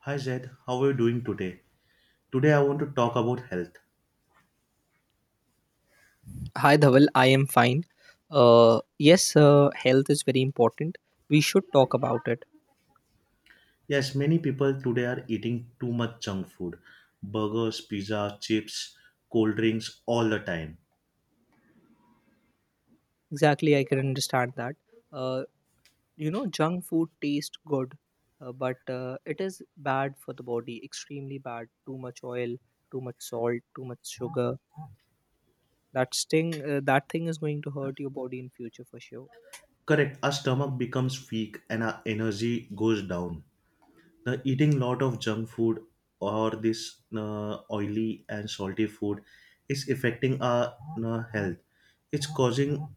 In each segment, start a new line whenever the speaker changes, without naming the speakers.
Hi Zed, how are you doing today? Today I want to talk about health.
Hi Dhaval, I am fine. Yes, health is very important. We should talk about it.
Yes, many people today are eating too much junk food, burgers, pizza, chips, cold drinks all the time.
Exactly, I can understand that. Uh, Junk food tastes good, but it is bad for the body, extremely bad. Too much oil, too much salt, too much sugar. That thing is going to hurt your body in future for sure.
Correct, our stomach becomes weak and our energy goes down. The eating lot of junk food or this oily and salty food is affecting our health. It's causing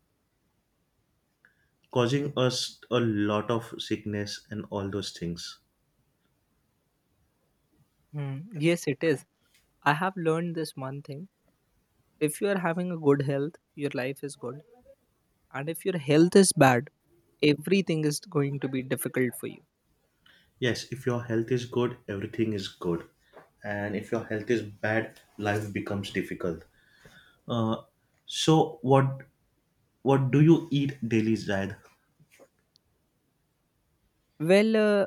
causing us a lot of sickness and all those things.
Mm, yes, it is. I have learned this one thing. If you are having a good health, your life is good. And if your health is bad, everything is going to be difficult for you.
Yes, if your health is good, everything is good. And if your health is bad, life becomes difficult. Uh, so what do you eat daily, Zaid?
well uh,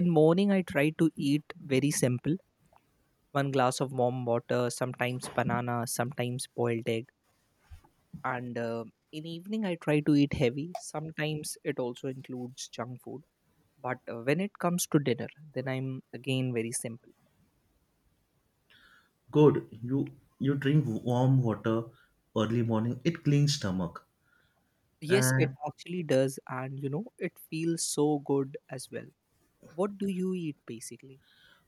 in morning I try to eat very simple: one glass of warm water, sometimes banana, sometimes boiled egg. And In evening I try to eat heavy, sometimes it also includes junk food, but when it comes to dinner, then I'm again very simple.
Good. You drink warm water early morning. It cleans stomach.
Yes, it
And
actually does, and you know, it feels so good as well. What do you eat basically?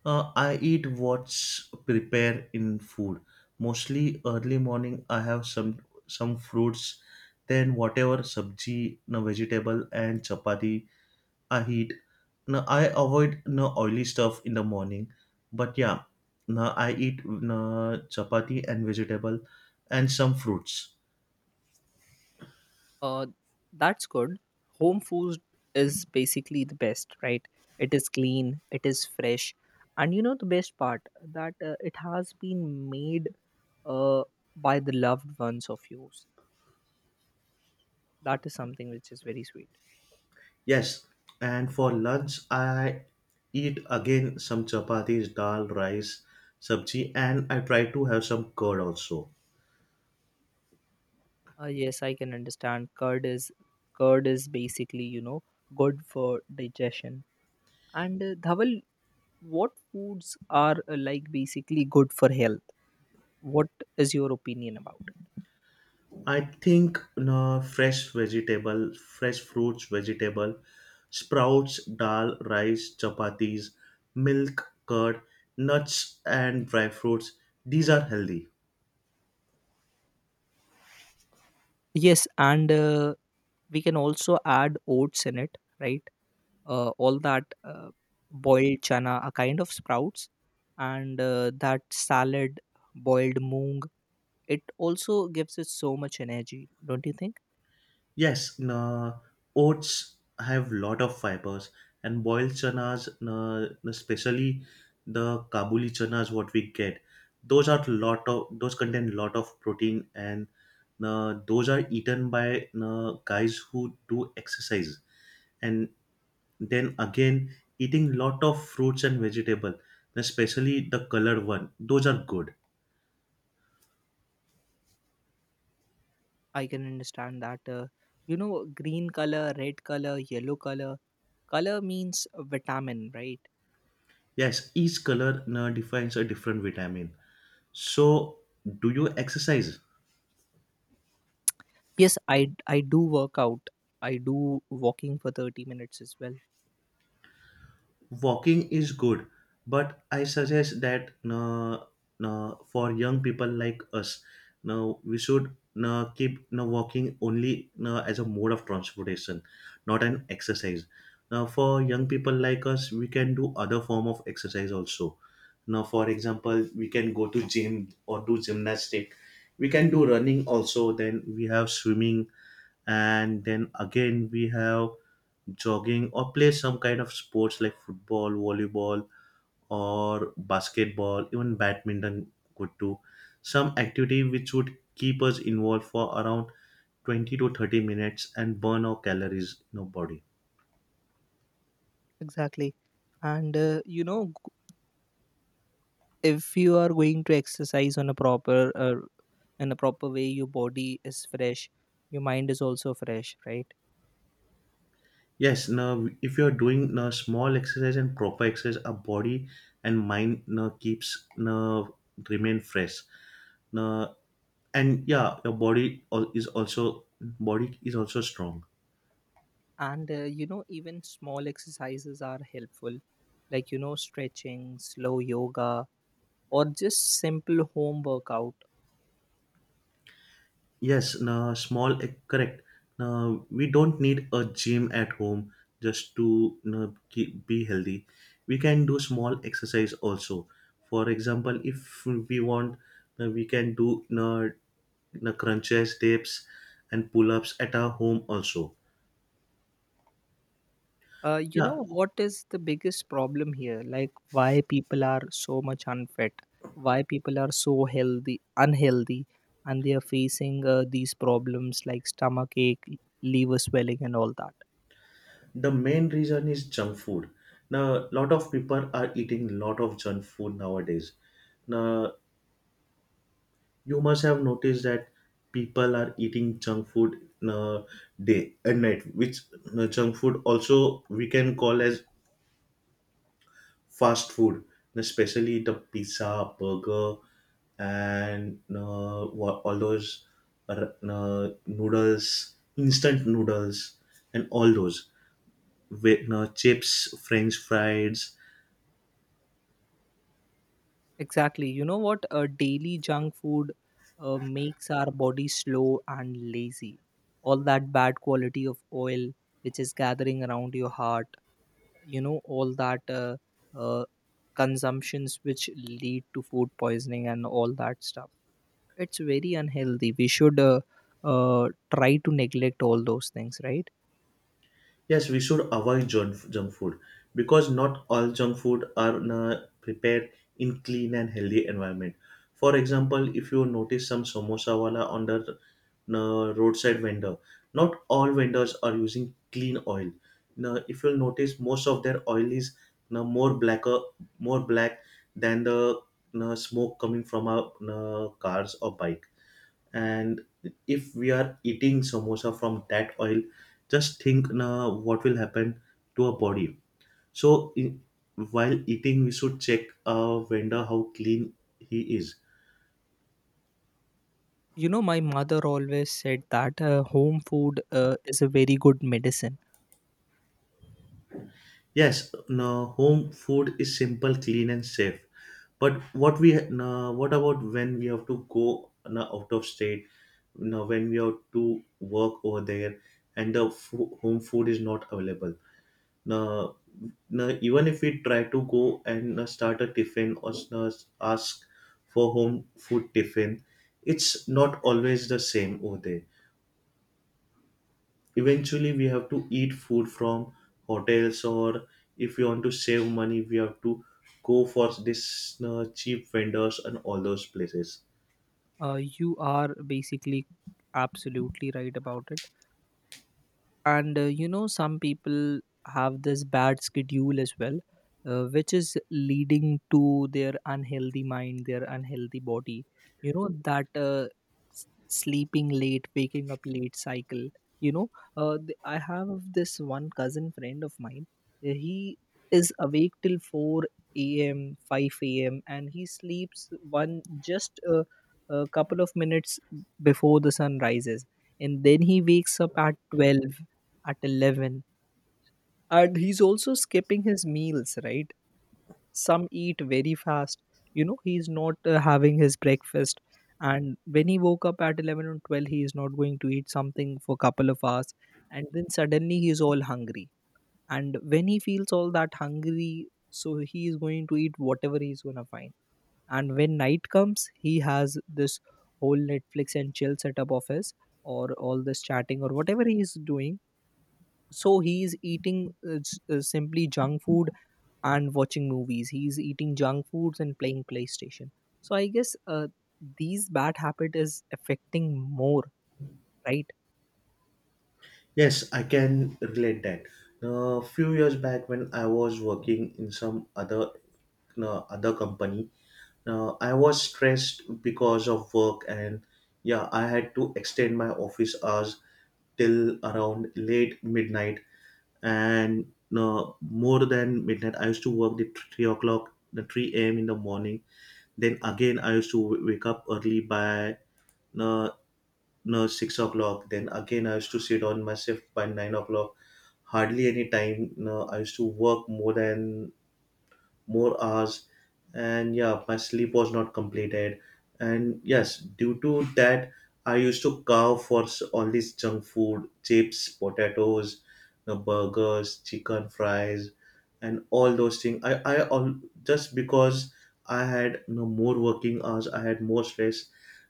I eat what's prepared in food. Mostly early morning, I have some fruits, then whatever sabji, no vegetable and chapati I eat. Now I avoid no oily stuff in the morning, but yeah, now I eat no chapati and vegetable and some fruits.
Uh, that's good. Home food is basically the best, right? It is clean, it is fresh, and you know the best part, that it has been made uh, by the loved ones of yours. That is something which is very sweet.
Yes, and for lunch I eat again some chapatis, dal, rice, sabji, and I try to have some curd also.
Yes, I can understand. Curd is basically, you know, good for digestion. And Dhaval, what foods are like basically good for health? What is your opinion about? It?
I think no, fresh vegetable, fresh fruits, vegetable, sprouts, dal, rice, chapatis, milk, curd, nuts, and dry fruits. These are healthy.
Yes, and we can also add oats in it, right? All that Boiled chana, a kind of sprouts, and that salad, boiled moong, it also gives it so much energy, don't you think?
Yes, na, oats have lot of fibers and boiled chanas, na, na, especially the kabuli chanas what we get. Those are lot of those contain lot of protein and na, those are eaten by na, guys who do exercise. And then again, eating lot of fruits and vegetable, especially the colored one. Those are good.
I can understand that. You know, green color, red color, yellow color, color means vitamin, right?
Yes, each color defines a different vitamin. So, do you exercise?
Yes, I do work out. I do walking for 30 minutes as well.
Walking is good, but I suggest that, for young people like us, now we should keep walking only as a mode of transportation, not an exercise. Now for young people like us, we can do other form of exercise also. Now for example, we can go to gym or do gymnastic. We can do running also, then we have swimming, and then again we have jogging, or play some kind of sports like football, volleyball, or basketball, even badminton. Could do some activity which would keep us involved for around 20 to 30 minutes and burn our calories in our body.
Exactly. And you know, if you are going to exercise on a proper in a proper way, your body is fresh, your mind is also fresh, right?
Yes, now if you are doing now small exercise and proper exercise, our body and mind now keeps now remain fresh. Uh, and yeah, your body is also, body is also strong.
And you know, even small exercises are helpful, like, you know, stretching, slow yoga, or just simple home workout.
Yes, no, small, correct. Now we don't need a gym at home just to be healthy. We can do small exercise also. For example, if we want, we can do crunches, dips, and pull ups at our home also.
You know,
Yeah.
what is the biggest problem here? Like, why people are so much unfit, why people are so healthy unhealthy, and they are facing these problems like stomach ache, liver swelling, and all that.
The main reason is junk food. Now, lot of people are eating lot of junk food nowadays. Now, you must have noticed that people are eating junk food uh, day and night, which, junk food also we can call as fast food, especially the pizza, burger, and all those noodles, instant noodles, and all those with chips, French fries.
Exactly. You know what? Daily junk food makes our body slow and lazy. All that bad quality of oil which is gathering around your heart, you know, all that uh, consumptions which lead to food poisoning and all that stuff. It's very unhealthy. We should try to neglect all those things, right?
Yes, we should avoid junk food because not all junk food are prepared in clean and healthy environment. For example, if you notice some samosa wala on the roadside vendor, not all vendors are using clean oil. Now, if you'll notice, most of their oil is more blacker, more black than the smoke coming from our cars or bike. And if we are eating samosa from that oil, just think now what will happen to our body. so i- while eating, we should check our vendor how clean he is.
You know, my mother always said that home food is a very good medicine.
Yes, now home food is simple, clean and safe. But what about when we have to go now out of state, now when we have to work over there, and home food is not available. Now, even if we try to go and start a tiffin or ask for home food tiffin, it's not always the same over there. Eventually, we have to eat food from hotels, or if we want to save money, we have to go for this cheap vendors and all those places.
You are basically absolutely right about it. And you know, some people have this bad schedule as well, which is leading to their unhealthy mind, their unhealthy body, you know. Mm. That sleeping late, waking up late cycle, you know. I have this one cousin friend of mine. He is awake till 4 a.m., 5 a.m., and he sleeps one just a couple of minutes before the sun rises, and then he wakes up at 12, at 11, and he's also skipping his meals, right? Some eat very fast. You know, he's not having his breakfast, and when he woke up at 11 or 12, he is not going to eat something for couple of hours, and then suddenly he is all hungry, and when he feels all that hungry, so he is going to eat whatever he's going to find. And when night comes, he has this whole Netflix and chill setup of his, or all this chatting or whatever he is doing. So he's eating simply junk food and watching movies, he's eating junk foods and playing PlayStation. So I guess these bad habit is affecting more, right?
Yes, I can relate that. A few years back, when I was working in some other no, other company, I was stressed because of work, and yeah, I had to extend my office hours till around late midnight, and more than midnight. I used to work the 3 o'clock, the 3 a.m. in the morning. Then again, I used to wake up early by uh, no 6 o'clock. Then again, I used to sit on my shift by 9 o'clock. Hardly any time, no, I used to work more hours. And yeah, my sleep was not completed. And yes, due to that, I used to carve for all this junk food, chips, potatoes, the burgers, chicken fries, and all those things. I all Just because I had no more working hours, I had more stress.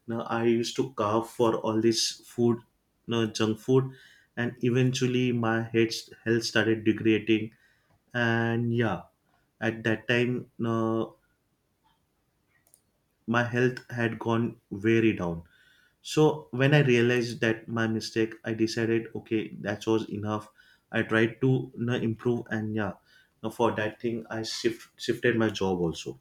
Now I used to carve for all this food, no junk food. And eventually my head health started degrading. And yeah, at that time, my health had gone very down. So when I realized that my mistake, I decided okay, that was enough. I tried to, you know, improve. And yeah, now for that thing, I shifted my job also.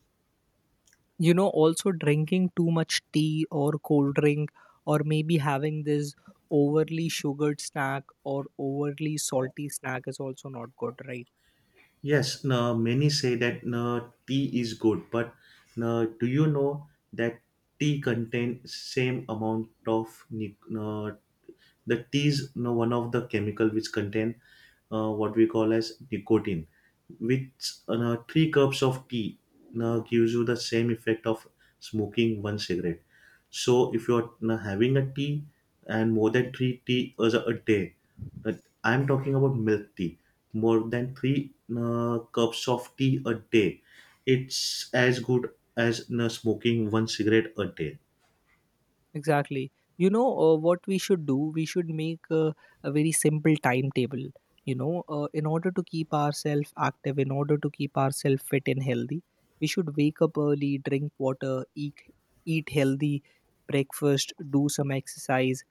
You know, also drinking too much tea or cold drink, or maybe having this overly sugared snack or overly salty snack is also not good, right?
Yes, now many say that no, tea is good, but now do you know that tea contains same amount of the tea is you one of the chemical which contain what we call as nicotine, which three cups of tea now gives you the same effect of smoking one cigarette. So if you're having a tea and more than three tea as a day, uh, I'm talking about milk tea, more than three cups of tea a day, it's as good as smoking one cigarette a day.
Exactly. You know, what we should do? We should make a very simple timetable. You know, in order to keep ourselves active, in order to keep ourselves fit and healthy, we should wake up early, drink water, eat healthy breakfast, do some exercise,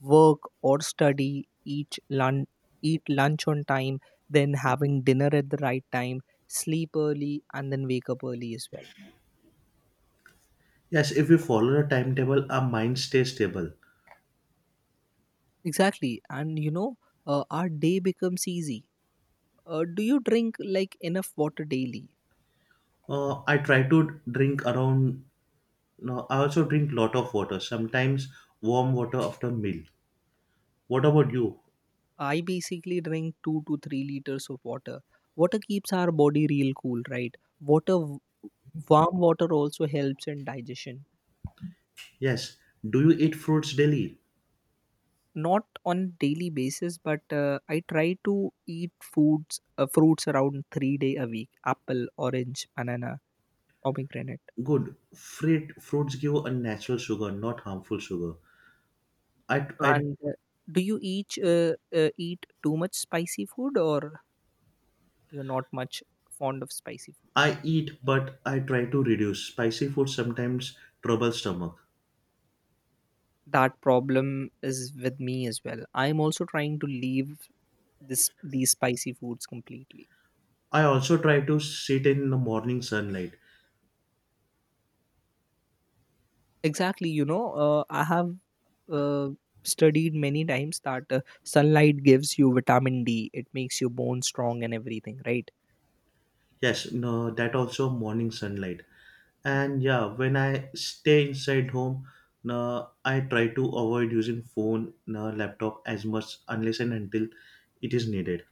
work or study, eat lunch on time, then having dinner at the right time, sleep early, and then wake up early as well.
Yes, if we follow the timetable, our mind stays stable.
Exactly, and you know, our day becomes easy. Do you drink like enough water daily?
I try to drink around. No, I also drink lot of water. Sometimes warm water after meal. What about you?
I basically drink 2 to 3 liters of water. Water keeps our body real cool, right? Water, warm water also helps in digestion.
Yes. Do you eat fruits daily?
Not on daily basis, but I try to eat fruits around 3 day a week: apple, orange, banana, pomegranate.
Good. Fruits give a natural sugar, not harmful sugar. I
And do you each eat too much spicy food, or you're not much fond of spicy food?
I eat, but I try to reduce spicy food. Sometimes trouble stomach.
That problem is with me as well. I'm also trying to leave this these spicy foods completely.
I also try to sit in the morning sunlight.
Exactly. You know, I have uh, studied many times that sunlight gives you vitamin D, it makes your bones strong and everything, right?
Yes, no, that also morning sunlight. And yeah, when I stay inside home, no, I try to avoid using phone, no, laptop as much unless and until it is needed.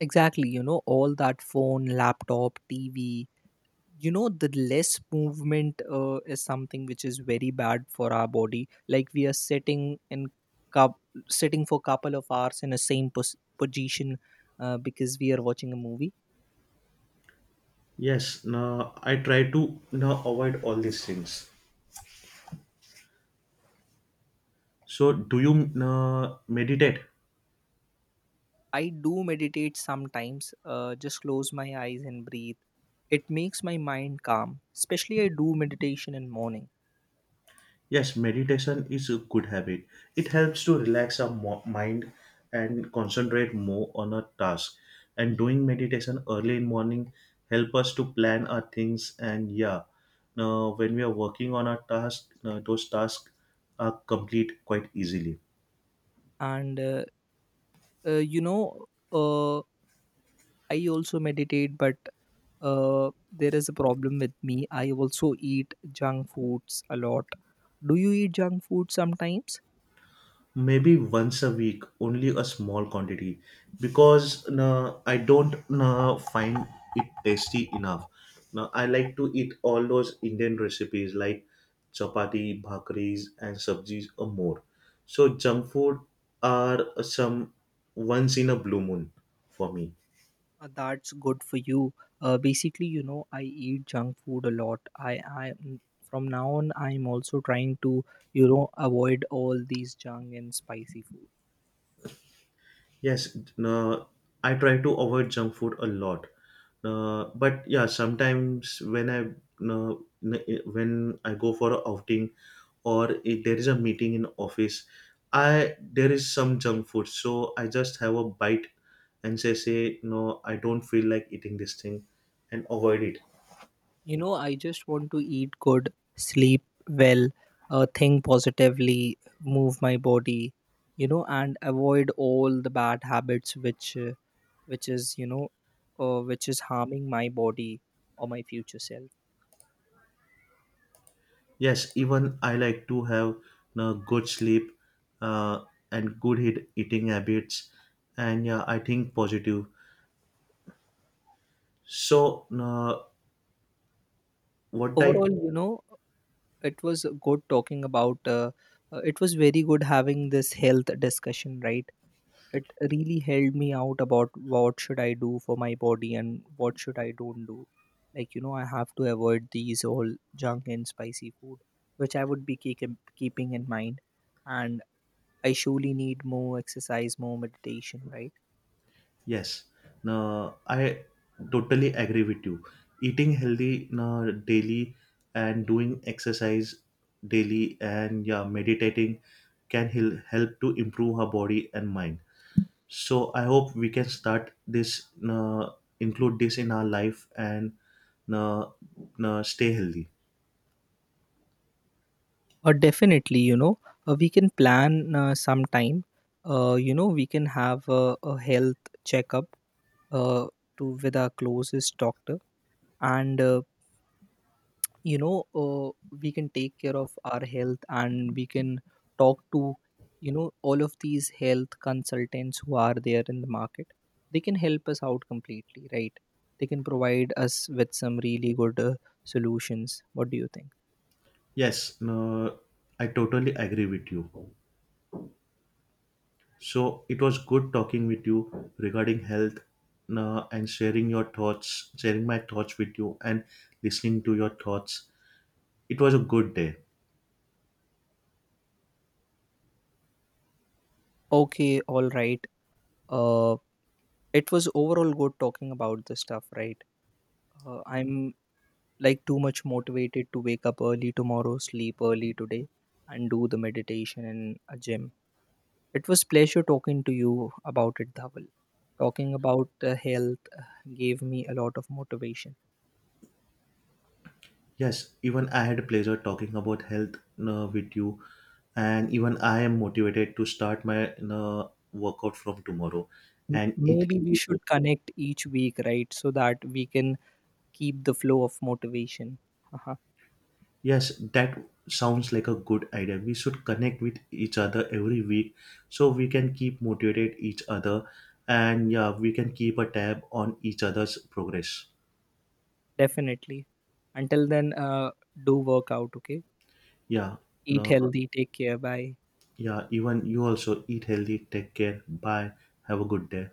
Exactly. You know, all that phone, laptop, TV, you know, the less movement is something which is very bad for our body. Like we are sitting in cup sitting for couple of hours in the same position because we are watching a movie.
Yes, no, I try to no, avoid all these things. So, do you no, meditate?
I do meditate sometimes, just close my eyes and breathe. It makes my mind calm, especially I do meditation in morning.
Yes, meditation is a good habit. It helps to relax our mind and concentrate more on a task. And doing meditation early in morning help us to plan our things. And yeah, now when we are working on our task, those tasks are complete quite easily.
And You know, uh, I also meditate, but there is a problem with me. I also eat junk foods a lot. Do you eat junk food sometimes?
Maybe once a week, only a small quantity, because no, I don't, no, find it tasty enough. Now I like to eat all those Indian recipes like chapati, bhakris and sabjis, or more. So junk food are some once in a blue moon for me.
That's good for you. Basically, you know, I eat junk food a lot. From now on, I'm also trying to, you know, avoid all these junk and spicy food.
Yes, uh, I try to avoid junk food a lot. But yeah, sometimes uh, when I go for an outing or if there is a meeting in office, I there is some junk food, so I just have a bite and say no, I don't feel like eating this thing, and avoid it.
You know, I just want to eat good, sleep well, think positively, move my body, you know, and avoid all the bad habits which is you know which is harming my body or my future self.
Yes, even I like to have good sleep uh, and good hit eating habits, and yeah, I think positive. So, no, what type?
Overall, you know, it was good talking about it was very good having this health discussion, right? It really helped me out about what should I do for my body and what should I don't do. Like, you know, I have to avoid these all junk and spicy food, which I would be keeping in mind, and I surely need more exercise, more meditation, right?
Yes, no, I totally agree with you. Eating healthy no, daily and doing exercise daily and yeah, meditating can help to improve our body and mind. So, I hope we can start this, no, include this in our life and no, no, stay healthy.
Definitely, you know, we can plan some time. You know, we can have a health checkup uh, to with our closest doctor, and you know, uh, we can take care of our health, and we can talk to, you know, all of these health consultants who are there in the market. They can help us out completely, right? They can provide us with some really good solutions. What do you think?
Yes, no, I totally agree with you. So it was good talking with you regarding health and sharing your thoughts, sharing my thoughts with you and listening to your thoughts. It was a good day.
Okay, all right. Uh, It was overall good talking about this stuff, right? I'm like too much motivated to wake up early tomorrow, sleep early today, and do the meditation in a gym. It was pleasure talking to you about it, Dhawal. Talking about health gave me a lot of motivation.
Yes, even I had a pleasure talking about health with you, and even I am motivated to start my workout from tomorrow and eat
Maybe we
healthy food.
should connect each week, right? So that we can keep the flow of motivation. Haha.
Yes, that sounds like a good idea. We should connect with each other every week so we can keep motivated each other and yeah, we can keep a tab on each other's progress.
Definitely. Until then, do work out, okay?
Yeah.
Eat
No,
healthy, take care, bye.
yeah, even you also eat healthy, take care. Bye. Have a good day.